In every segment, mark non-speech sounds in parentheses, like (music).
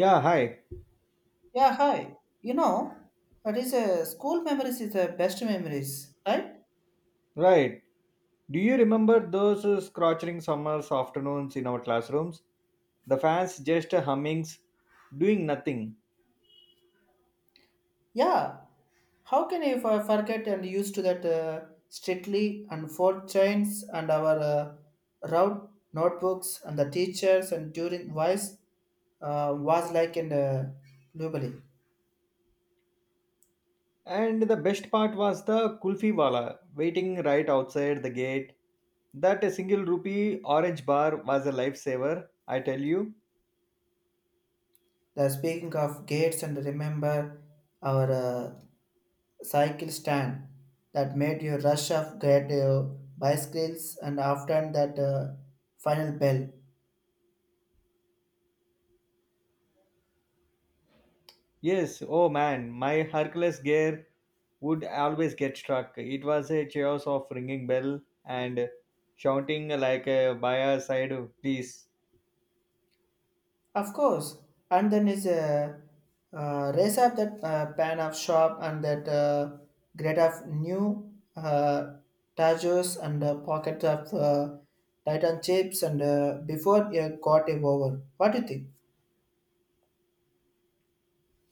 Yeah, hi. Yeah, hi. You know, that is a school memories is the best memories, right? Right. Do you remember those scorching summers afternoons in our classrooms? The fans just hummings, doing nothing. Yeah. How can you forget and used to that strictly and four chains and our route notebooks and the teachers and during voice was like in Lubali. And the best part was the kulfi wala waiting right outside the gate. That single rupee orange bar was a lifesaver, I tell you. The speaking of gates and remember our cycle stand that made you rush off get bicycles and after that final bell. Yes, oh man, my Hercules gear would always get struck. It was a chaos of ringing bell and shouting like a buyer side, please. Of course, and then is a race up that pan of shop and that grade of new tajos and pocket of titan chips and before you got it over. What do you think?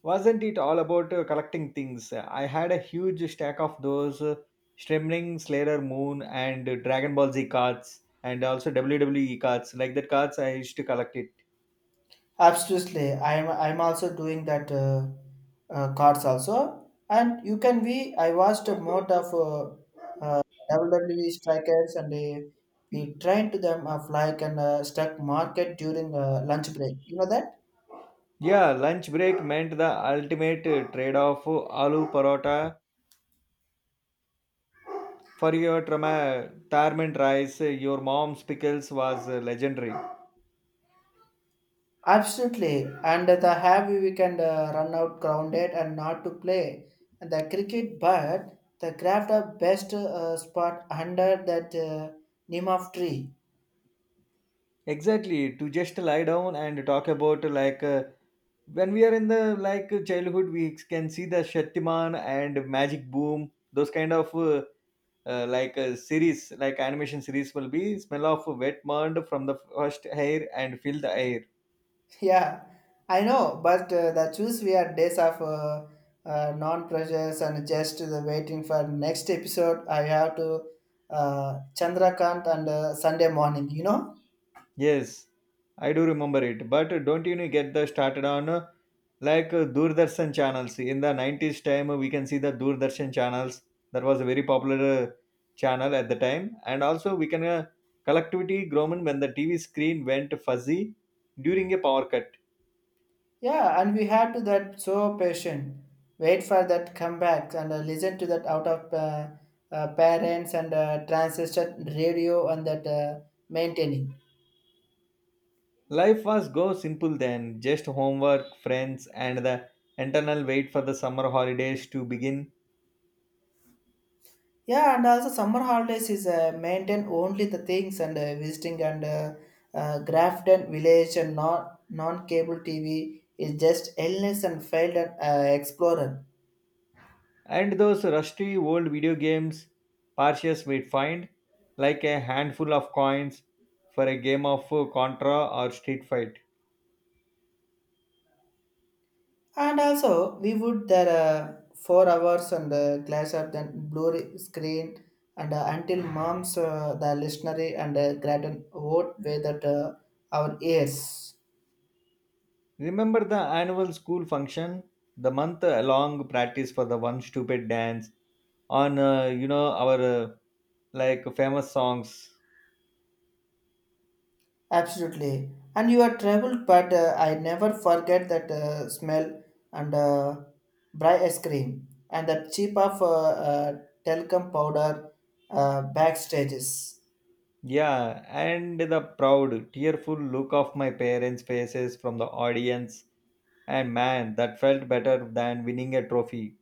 Wasn't it all about collecting things? I had a huge stack of those Stremling, Slayer Moon, and Dragon Ball Z cards, and also WWE cards. Like that cards, I used to collect it. Absolutely, I'm also doing that cards also, and you can be. I watched a lot of uh, WWE strikers, and we trained to them of like an stock market during lunch break. You know that Yeah, lunch break meant the ultimate trade-off: aloo parota for your tarmint rice. Your mom's pickles was legendary. absolutely, and the heavy we can run out grounded and not to play and the cricket, but the craft of best spot under that name of tree. Exactly to just lie down and talk about like when we are in the like childhood we can see the shaktiman and magic boom those kind of like series like animation series will be smell of wet mud from the first hair and fill the air. Yeah, I know, but the choose we are days of non-pressures and just the waiting for next episode. I have to Chandrakant and Sunday morning. Yes, I do remember it. But don't you get the started on like Doordarshan channels. In the 90s time, we can see the Doordarshan channels. That was a very popular channel at the time. And also we can collectivity grown when the TV screen went fuzzy during a power cut. Yeah, and we had to that so patient. Wait for that comeback and listen to that out of parents and transistor radio and that maintaining. Life was go simple then, just homework, friends, and the internal wait for the summer holidays to begin. Yeah, and also summer holidays is maintain only the things and visiting and Grafton village and non cable TV is just endless and failed and explorer. And those rusty old video games Parsius might find, like a handful of coins for a game of Contra or Street Fight. And also we would there 4 hours and the glass of the blue screen and until mom's the listenery and gratin vote way that our ears. Remember the annual school function, the month-long practice for the one stupid dance on, our like famous songs. Absolutely. And you have traveled, but I never forget that smell and bright ice cream and that cheap of talcum powder backstages. Yeah, and the proud, tearful look of my parents' faces from the audience. And man, that felt better than winning a trophy.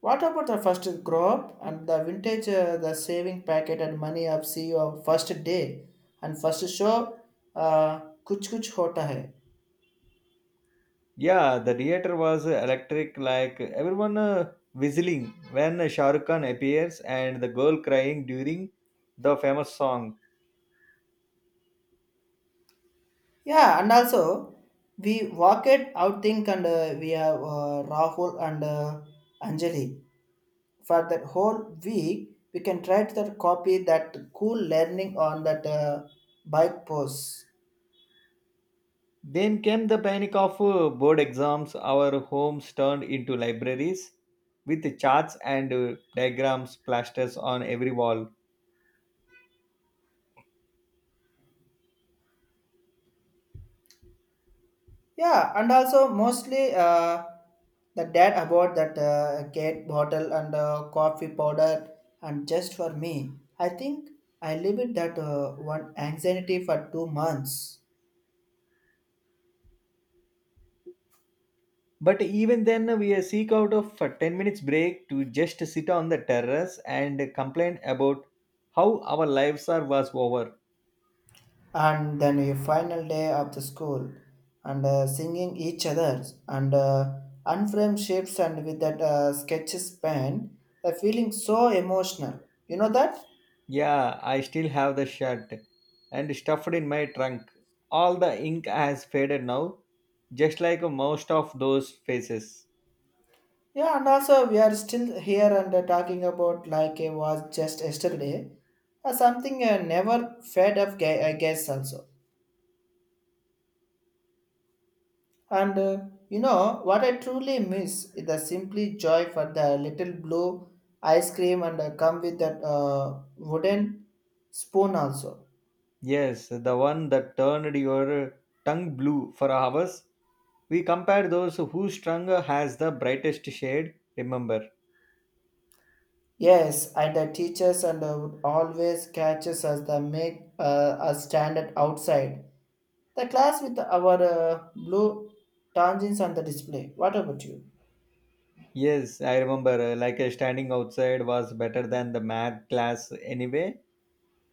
What about the first grow up and the vintage, the saving packet and money up see your first day and first show? Kuch kuch hota hai. Yeah, the theater was electric, like everyone whistling when Shah Rukh Khan appears and the girl crying during the famous song. Yeah, and also we walked out think and we have Rahul and Anjali. For that whole week we can try to that copy that cool learning on that bike pose. Then came the panic of board exams. Our homes turned into libraries with charts and diagrams plasters on every wall. Yeah, and also mostly the dad about that cake bottle and coffee powder and just for me I think I leave that one anxiety for 2 months. But even then, we seek out of a 10 minutes break to just sit on the terrace and complain about how our lives are was over. And then a final day of the school and singing each other, and unframed shapes and with that sketches pen feeling so emotional you know that. Yeah, I still have the shirt and stuffed in my trunk. All the ink has faded now, just like most of those faces. Yeah, and also we are still here and talking about like it was just yesterday something never fed up I guess also. And you know what I truly miss is the simply joy for the little blue ice cream and come with that wooden spoon also. Yes, the one that turned your tongue blue for hours. We compare those whose tongue has the brightest shade, remember? Yes, and the teachers and would always catches us the make us stand at outside the class with our blue tangents on the display. What about you? Yes, I remember. Like standing outside was better than the math class anyway.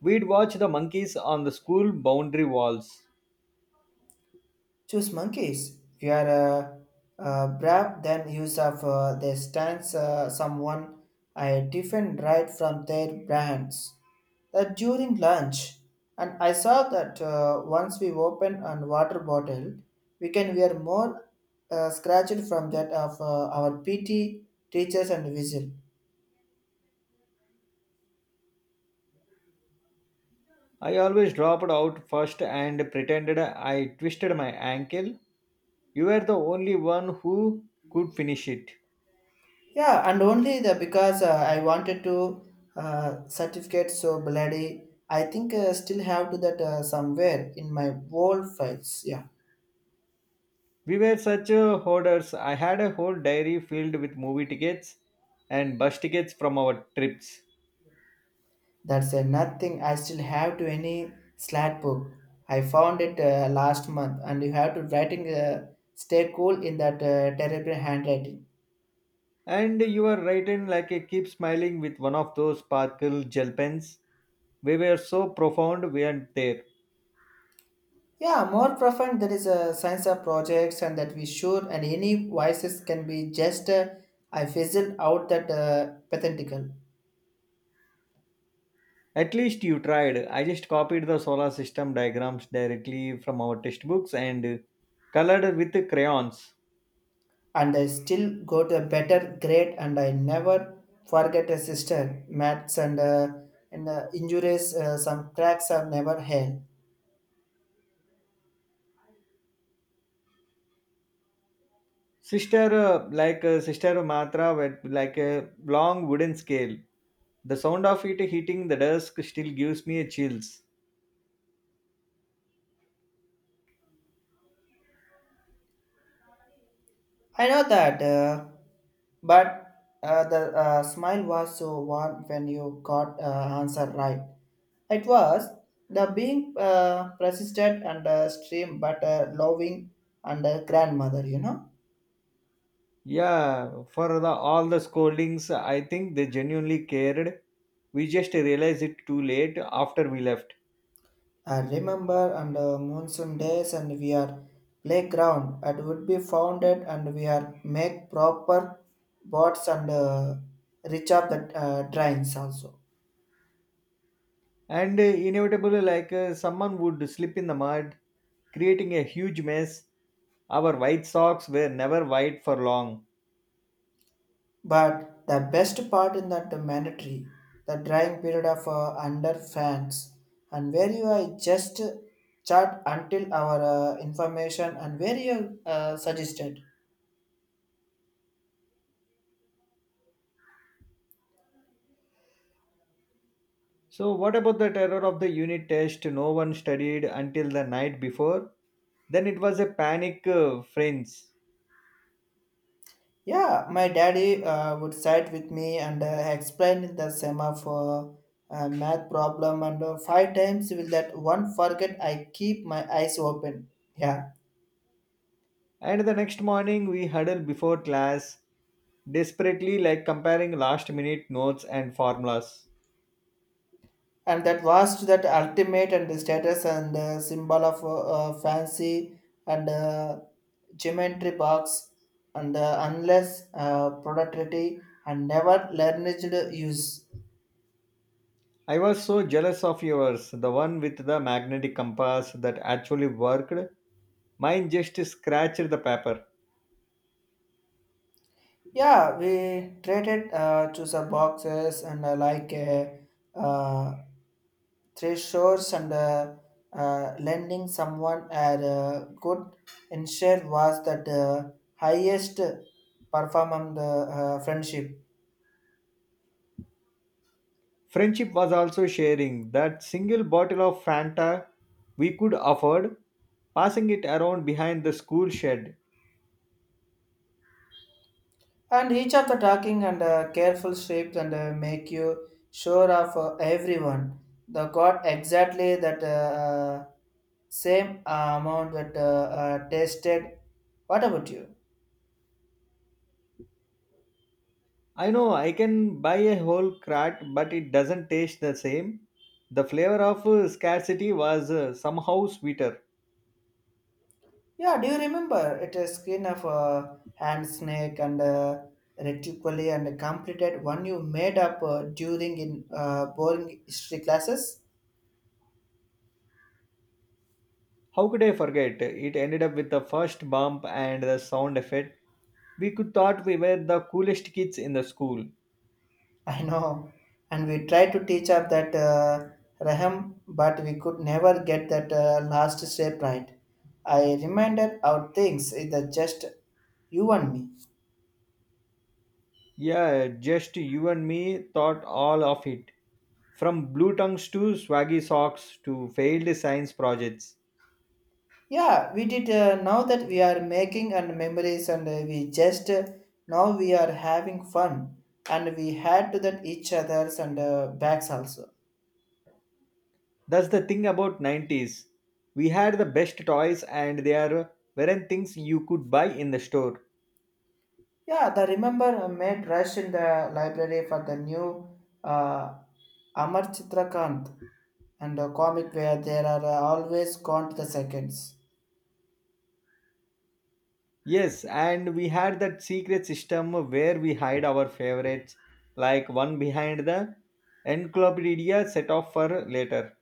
We'd watch the monkeys on the school boundary walls. Choose monkeys. If you are brave, then use of their stance someone I defend right from their brands. That during lunch, and I saw that once we open a water bottle, we can wear more scratched from that of our PT teachers and whistle. I always dropped out first and pretended I twisted my ankle. You were the only one who could finish it. Yeah, and only the because I wanted to certificate so bloody. I think still have to that somewhere in my old files. Yeah, We were such hoarders. I had a whole diary filled with movie tickets and bus tickets from our trips. that's nothing. I still have to any slat book. I found it last month, and you have to writing. Stay cool in that terrible handwriting. And you were writing like a keep smiling with one of those sparkle gel pens. We were so profound, we weren't there. Yeah, more profound. There is a science of projects, and that we should and any voices can be just. I fizzled out that pathetical. At least you tried. I just copied the solar system diagrams directly from our textbooks and colored with crayons. And I still got a better grade, and I never forget a sister. Maths and injuries, some cracks are never hell. Sister, like sister Matra, with like a long wooden scale. The sound of it hitting the desk still gives me a chills. I know that, but the smile was so warm when you got answer right. It was the being persistent and stream, but loving and grandmother. Yeah, for the all the scoldings, I think they genuinely cared. We just realized it too late after we left. I remember on the monsoon days and we are playground it would be founded and we are make proper boards and reach up the drains also. And inevitably, like someone would slip in the mud, creating a huge mess. Our white socks were never white for long. But the best part in that the mandatory, the drying period of under fans and where you I just chat until our information and where you suggested. So, what about the terror of the unit test? No one studied until the night before. Then it was a panic, friends. Yeah, my daddy would sit with me and explain the sema for math problem and five times will that one forget I keep my eyes open. Yeah, And the next morning, we huddled before class, desperately like comparing last minute notes and formulas. and that was that ultimate and the status and symbol of fancy and geometry box and unless productivity and never learned use. I was so jealous of yours, the one with the magnetic compass that actually worked. Mine just scratched the paper. Yeah, we traded choose a boxes and like. Uh, Thresholds and lending someone a good ensure was that highest performance friendship Friendship was also sharing that single bottle of Fanta we could afford, passing it around behind the school shed. and each of the talking and careful shapes and make you sure of everyone the got exactly that uh, same amount that tested what about you. I know I can buy a whole crack, but it doesn't taste the same. The flavor of scarcity was somehow sweeter. Yeah, do you remember? It is skin of a hand snake and a reticuli and completed one you made up during in boring history classes. How could I forget? It ended up with the first bump and the sound effect. We could thought we were the coolest kids in the school. (laughs) I know, and we tried to teach up that raham, but we could never get that last shape right. I reminded our things is that just you and me. Yeah, just you and me thought all of it. From blue tongues to swaggy socks to failed science projects. Yeah, we did. Now that we are making and memories, and we just now we are having fun, and we had to that each other's and backs also. That's the thing about 90s. We had the best toys and there weren't things you could buy in the store. Yeah, the remember made rush in the library for the new uh, Amar Chitrakant and a comic where there are always gone to the seconds. Yes, and we had that secret system where we hide our favorites, like one behind the encyclopedia set off for later.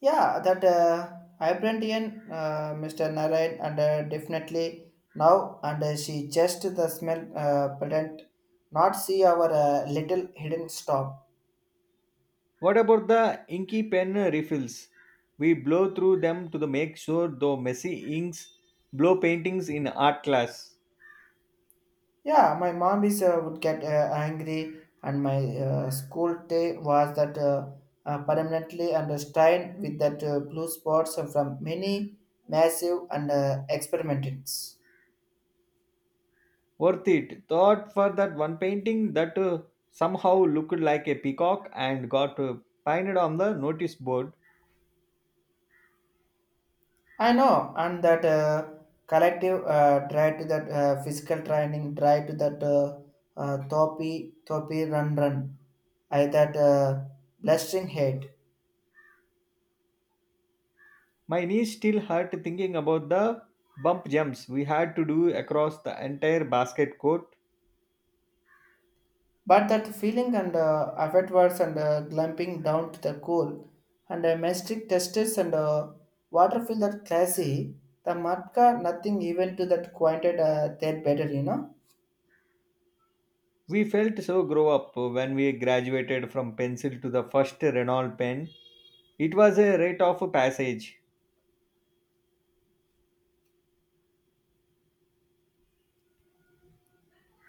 Yeah, that Ibrantian Mr. Narayan and definitely now and she just the smell pretend not see our little hidden stop. What about the inky pen refills? We blow through them to the make sure though messy inks blow paintings in art class. Yeah, my mom is would get angry and my school day was that permanently under strain with that blue spots from many massive and experiments. Worth it. Thought for that one painting that somehow looked like a peacock and got painted on the notice board. I know, and that collective drive to that physical training, drive to that thopi, thopi run run, I that blustering hate. My knees still hurt thinking about the bump jumps we had to do across the entire basket court. But that feeling and afterwards and glumping down to the cool and mystic testes and water feel that classy, the matka nothing even to that quieted their better. We felt so grow up when we graduated from pencil to the first Renault pen. It was a rite of passage.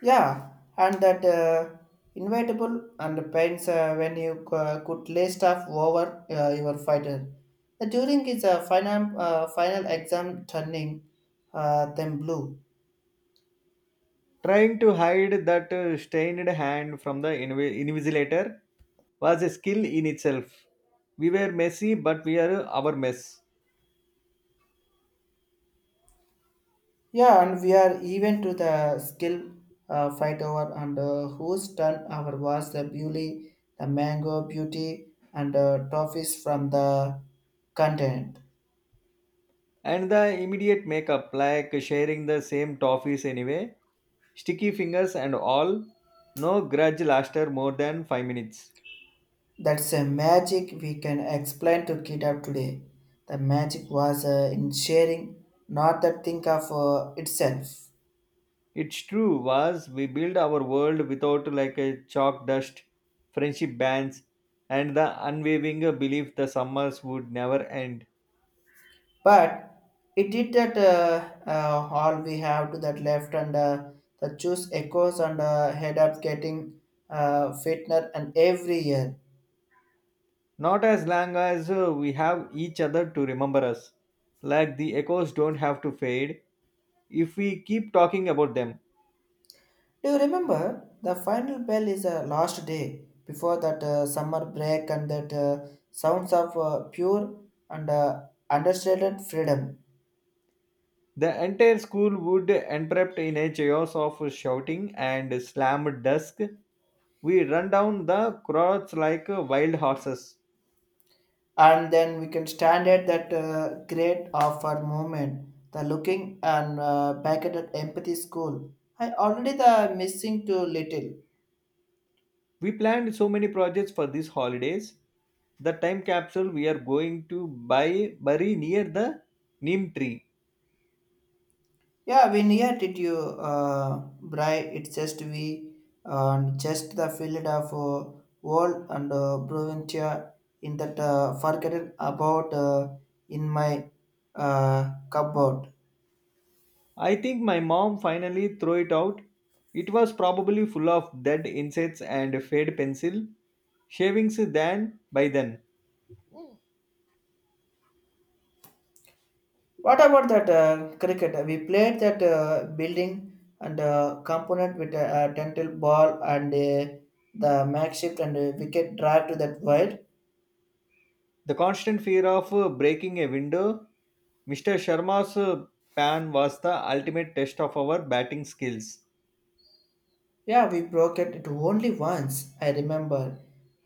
Yeah, and that inevitable and pains when you could lay stuff over your fighter. The during is a final exam turning them blue. Trying to hide that stained hand from the invigilator was a skill in itself. We were messy, but we are our mess. Yeah, and we are even to the skill fight over and whose turn our was the beauty, the mango beauty and toffees from the continent. And the immediate makeup, like sharing the same toffees anyway, sticky fingers and all, no grudge lasted more than 5 minutes. That's a magic we can explain to kid up today. The magic was in sharing, not the think of itself. It's true was we build our world without like a chalk dust, friendship bands, and the unwavering belief the summers would never end. But it did that all we have to that left and the juice echoes and head up getting fitner and every year. Not as long as we have each other to remember us. Like the echoes don't have to fade if we keep talking about them. Do you remember the final bell is a last day before that summer break and that sounds of pure and understated freedom? The entire school would erupt in a chaos of shouting and slammed dusk. We run down the crowds like wild horses. And then we can stand at that great of our moment the looking and back at that empathy school I already the missing too little. We planned so many projects for these holidays. The time capsule we are going to buy bury near the neem tree. Yeah, when here did you uh bright it's just we and just the field of world and provincia in that forgotten about in my cupboard. I think my mom finally threw it out. It was probably full of dead insects and fade pencil shavings then by then. What about that cricket? We played that building and component with a dental ball and the makeshift and wicket drive to that wide. The constant fear of breaking a window, Mr. Sharma's pan was the ultimate test of our batting skills. Yeah, we broke it only once, I remember.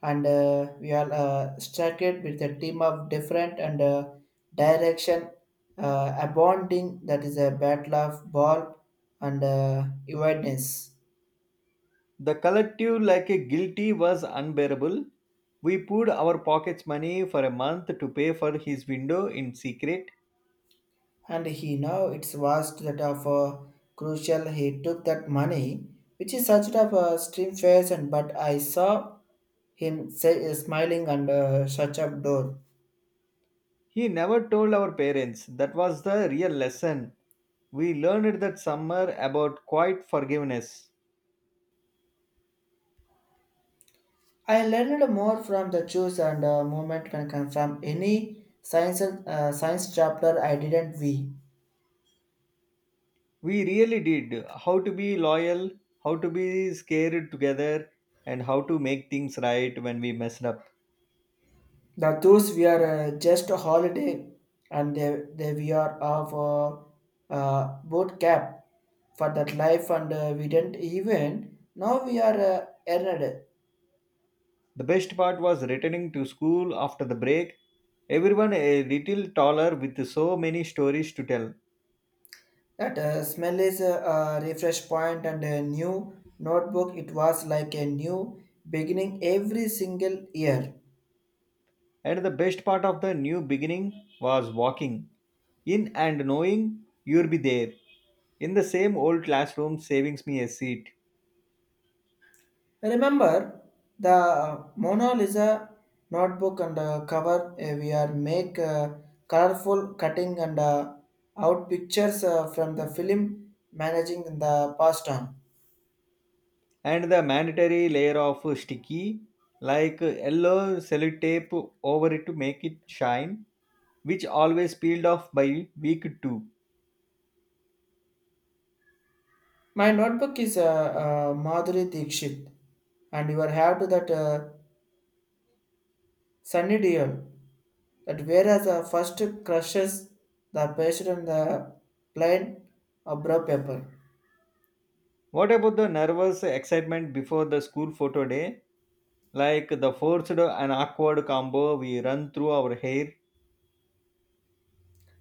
And we all struck it with a team of different and direction, abounding that is a battle of ball and evenness. The collective, like a guilty, was unbearable. We poured our pockets money for a month to pay for his window in secret. And he now it's was that of crucial he took that money which is such of a stream face and but I saw him say, smiling and shut up door. He never told our parents. That was the real lesson. We learned that summer about quiet forgiveness. I learned more from the choose and movement can come from any science chapter I didn't we. We really did. How to be loyal, how to be scared together, and how to make things right when we messed up. The those we are just a holiday, and they we are of boot camp for that life, and we didn't even now we are earned. The best part was returning to school after the break. Everyone a little taller with so many stories to tell. That smell is a refresh point and a new notebook. It was like a new beginning every single year. And the best part of the new beginning was walking in and knowing you'll be there in the same old classroom, savings me a seat. I remember the Mona Lisa notebook and cover. We are make colorful cutting and out pictures from the film managing the past time. And the mandatory layer of sticky, like yellow sellotape over it to make it shine, which always peeled off by week two. My notebook is Madhuri Dikshit, and you are have to that. Sunny Deol. That whereas the first crushes the patient on the plain of brown paper, What about the nervous excitement before the school photo day? Like the forced and awkward combo we run through our hair.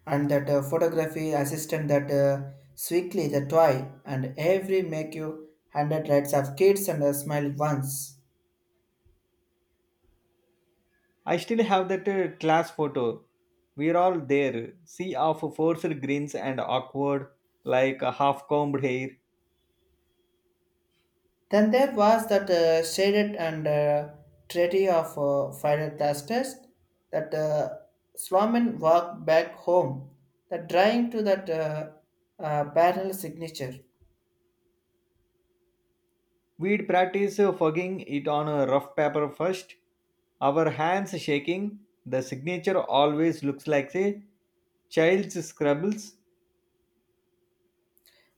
and that photography assistant that sweetly the toy and every make you 100 rights of kids and a smile once. I still have that class photo. We're all there, sea of forced grins and awkward, like half combed hair. Then there was that shaded and treaty of fire testers that Sloman walked back home, that drawing to that parallel signature. We'd practice fogging it on a rough paper first, our hands shaking. The signature always looks like a child's scribbles.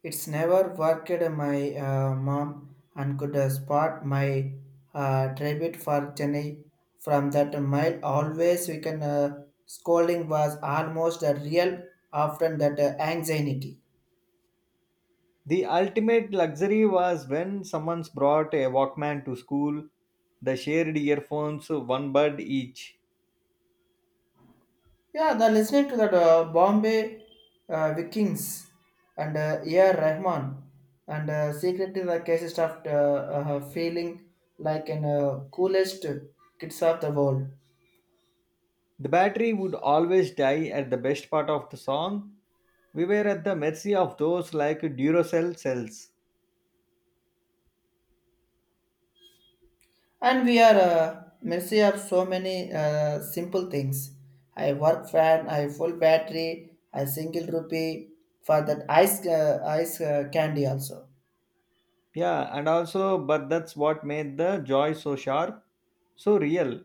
It's never worked my mom and could spot my tribute for Jenny from that mile. Always we can scolding was almost a real often that anxiety. The ultimate luxury was when someone's brought a Walkman to school, the shared earphones, one bud each. Yeah, the listening to that Bombay Vikings and A.R. Rahman and secretly the cases of feeling like an coolest kids of the world. The battery would always die at the best part of the song. We were at the mercy of those like Duracell cells. And we are mercy of so many simple things. I work fan, I full battery, I single rupee for that ice candy also. Yeah, and also, but that's what made the joy so sharp, so real.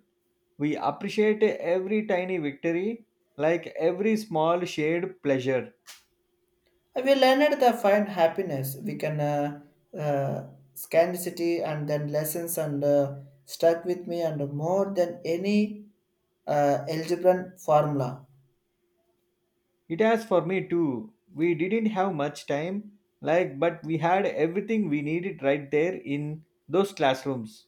We appreciate every tiny victory, like every small shared pleasure. We learned the find happiness. We can uh, scarcity and then lessons and stuck with me and more than any algebra formula. It has for me too. We didn't have much time, like, but we had everything we needed right there in those classrooms.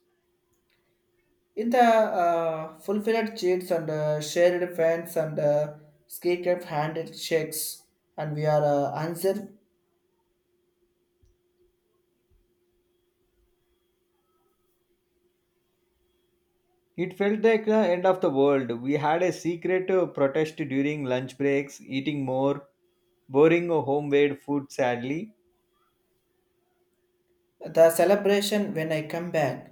In the fulfilled cheats and shared fans and ski kept handshakes, and we are answered It felt like the end of the world. We had a secret protest during lunch breaks, eating more, boring homemade food sadly. the celebration when I come back.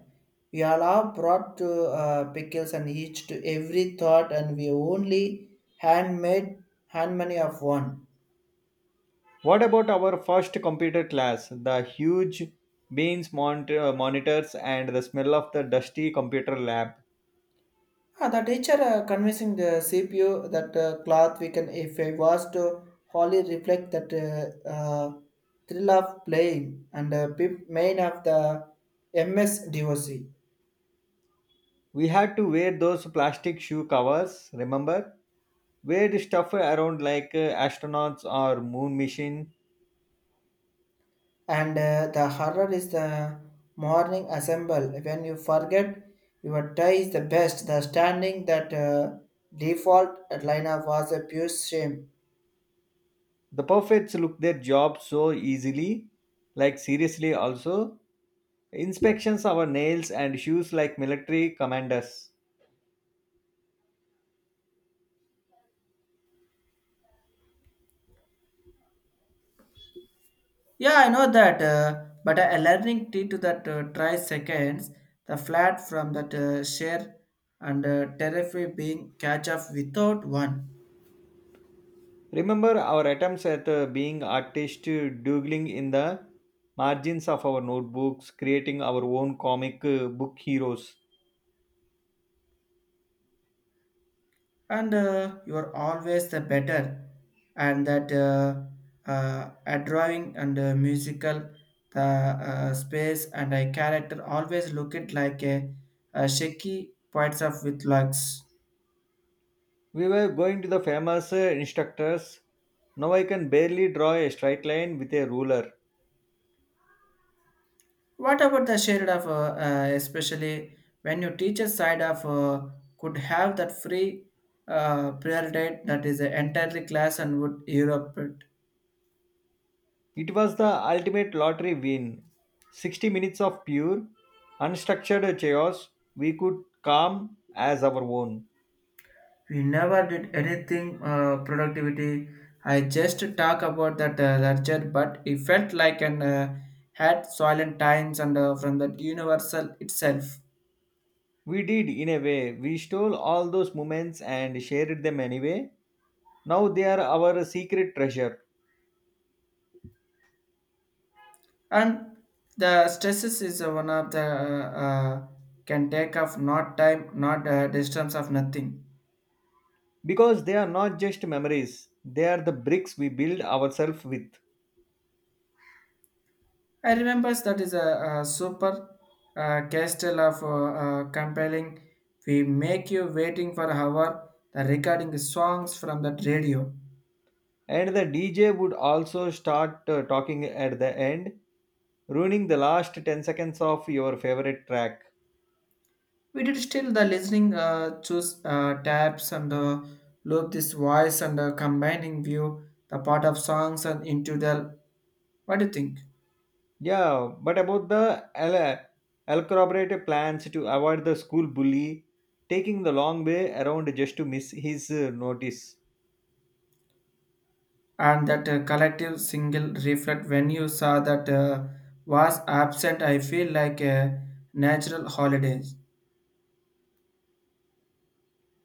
We all are brought to pickles and each to every thought, and we only handmade hand money of one. What about our first computer class? The huge beams monitors and the smell of the dusty computer lab. Ah, the teacher convincing the CPU that cloth we can, if I was to wholly reflect that thrill of playing and pip main of the MS DOC. We had to wear those plastic shoe covers, remember? Wear the stuff around like astronauts or moon mission. And the horror is the morning assemble. When you forget your tie is the best, the standing that default line of was a pure shame. The perfects look their job so easily, like seriously also Inspections our nails and shoes like military commanders. Yeah, I know that, but a learning T to that try seconds, the flat from that share and terrify being catch up without one. Remember our attempts at being artists, doodling in the margins of our notebooks, creating our own comic book heroes. And you are always the better. And that a drawing and musical, the space and a character always look it like a shaky points of with lux. We were going to the famous instructors. Now I can barely draw a straight line with a ruler. What about the shared of, especially when your teacher side of could have that free prayer date that is entirely class and would Europe it. It was the ultimate lottery win. 60 minutes of pure, unstructured chaos we could calm as our own. We never did anything productivity. I just talk about that lecture, but it felt like an had silent times and from that universal itself. We did, in a way. We stole all those moments and shared them anyway. Now they are our secret treasure And the stresses is one of the can take off not time, not distance of nothing. because they are not just memories, they are the bricks we build ourselves with. I remember that is a super castle of compelling. We make you waiting for hour. The recording songs from that radio. And the DJ would also start talking at the end, ruining the last 10 seconds of your favorite track. We did still the listening choose tabs and loop this voice and combining view the part of songs and into the what do you think? Yeah, but about the el- elaborate plans to avoid the school bully taking the long way around just to miss his notice. And that collective single reflect when you saw that was absent. I feel like a natural holidays.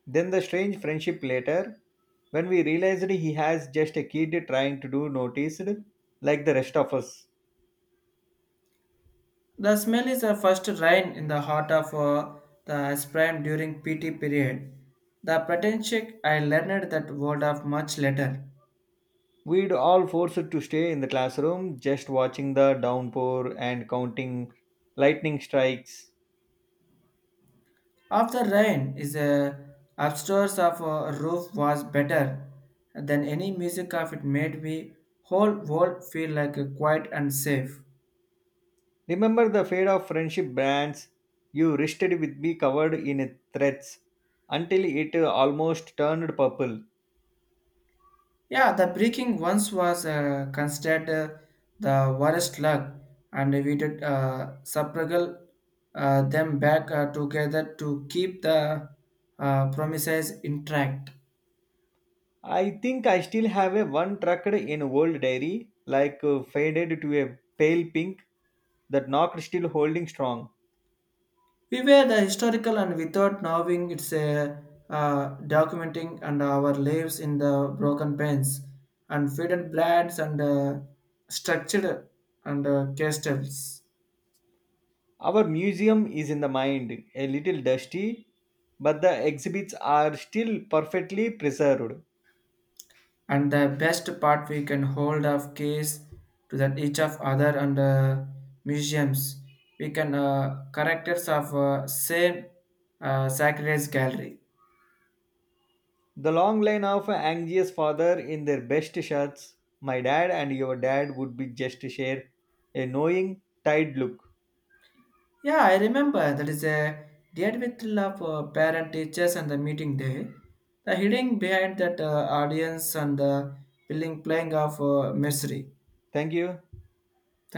Then the strange friendship later, when we realized he has just a kid trying to do noticed, like the rest of us. The smell is a first rain in the heart of the spring during PT period. The potential I learned that word of much later. We'd all forced to stay in the classroom, just watching the downpour and counting lightning strikes. After rain is a upstairs of a roof was better than any music of it made me whole world feel like a quiet and safe. Remember the fate of friendship brands you wristed with me covered in threads until it almost turned purple. Yeah, the breaking once was considered the worst luck, and we did substruggle them back together to keep the promises intact. I think I still have a one trucked in old dairy, like faded to a pale pink, that knocked still holding strong. We were the historical, and without knowing it's a documenting and our lives in the broken pens and faded blades and structured and castles. Our museum is in the mind, a little dusty, but the exhibits are still perfectly preserved. And the best part we can hold of case to that each of other and museums we can characters of same sacred gallery. The long line of anxious father in their best shirts, my dad and your dad would be just share a knowing, tired look. Yeah, I remember that is a date with love parent teachers and the meeting day the hiding behind that audience and the building playing of misery. Thank you. Thank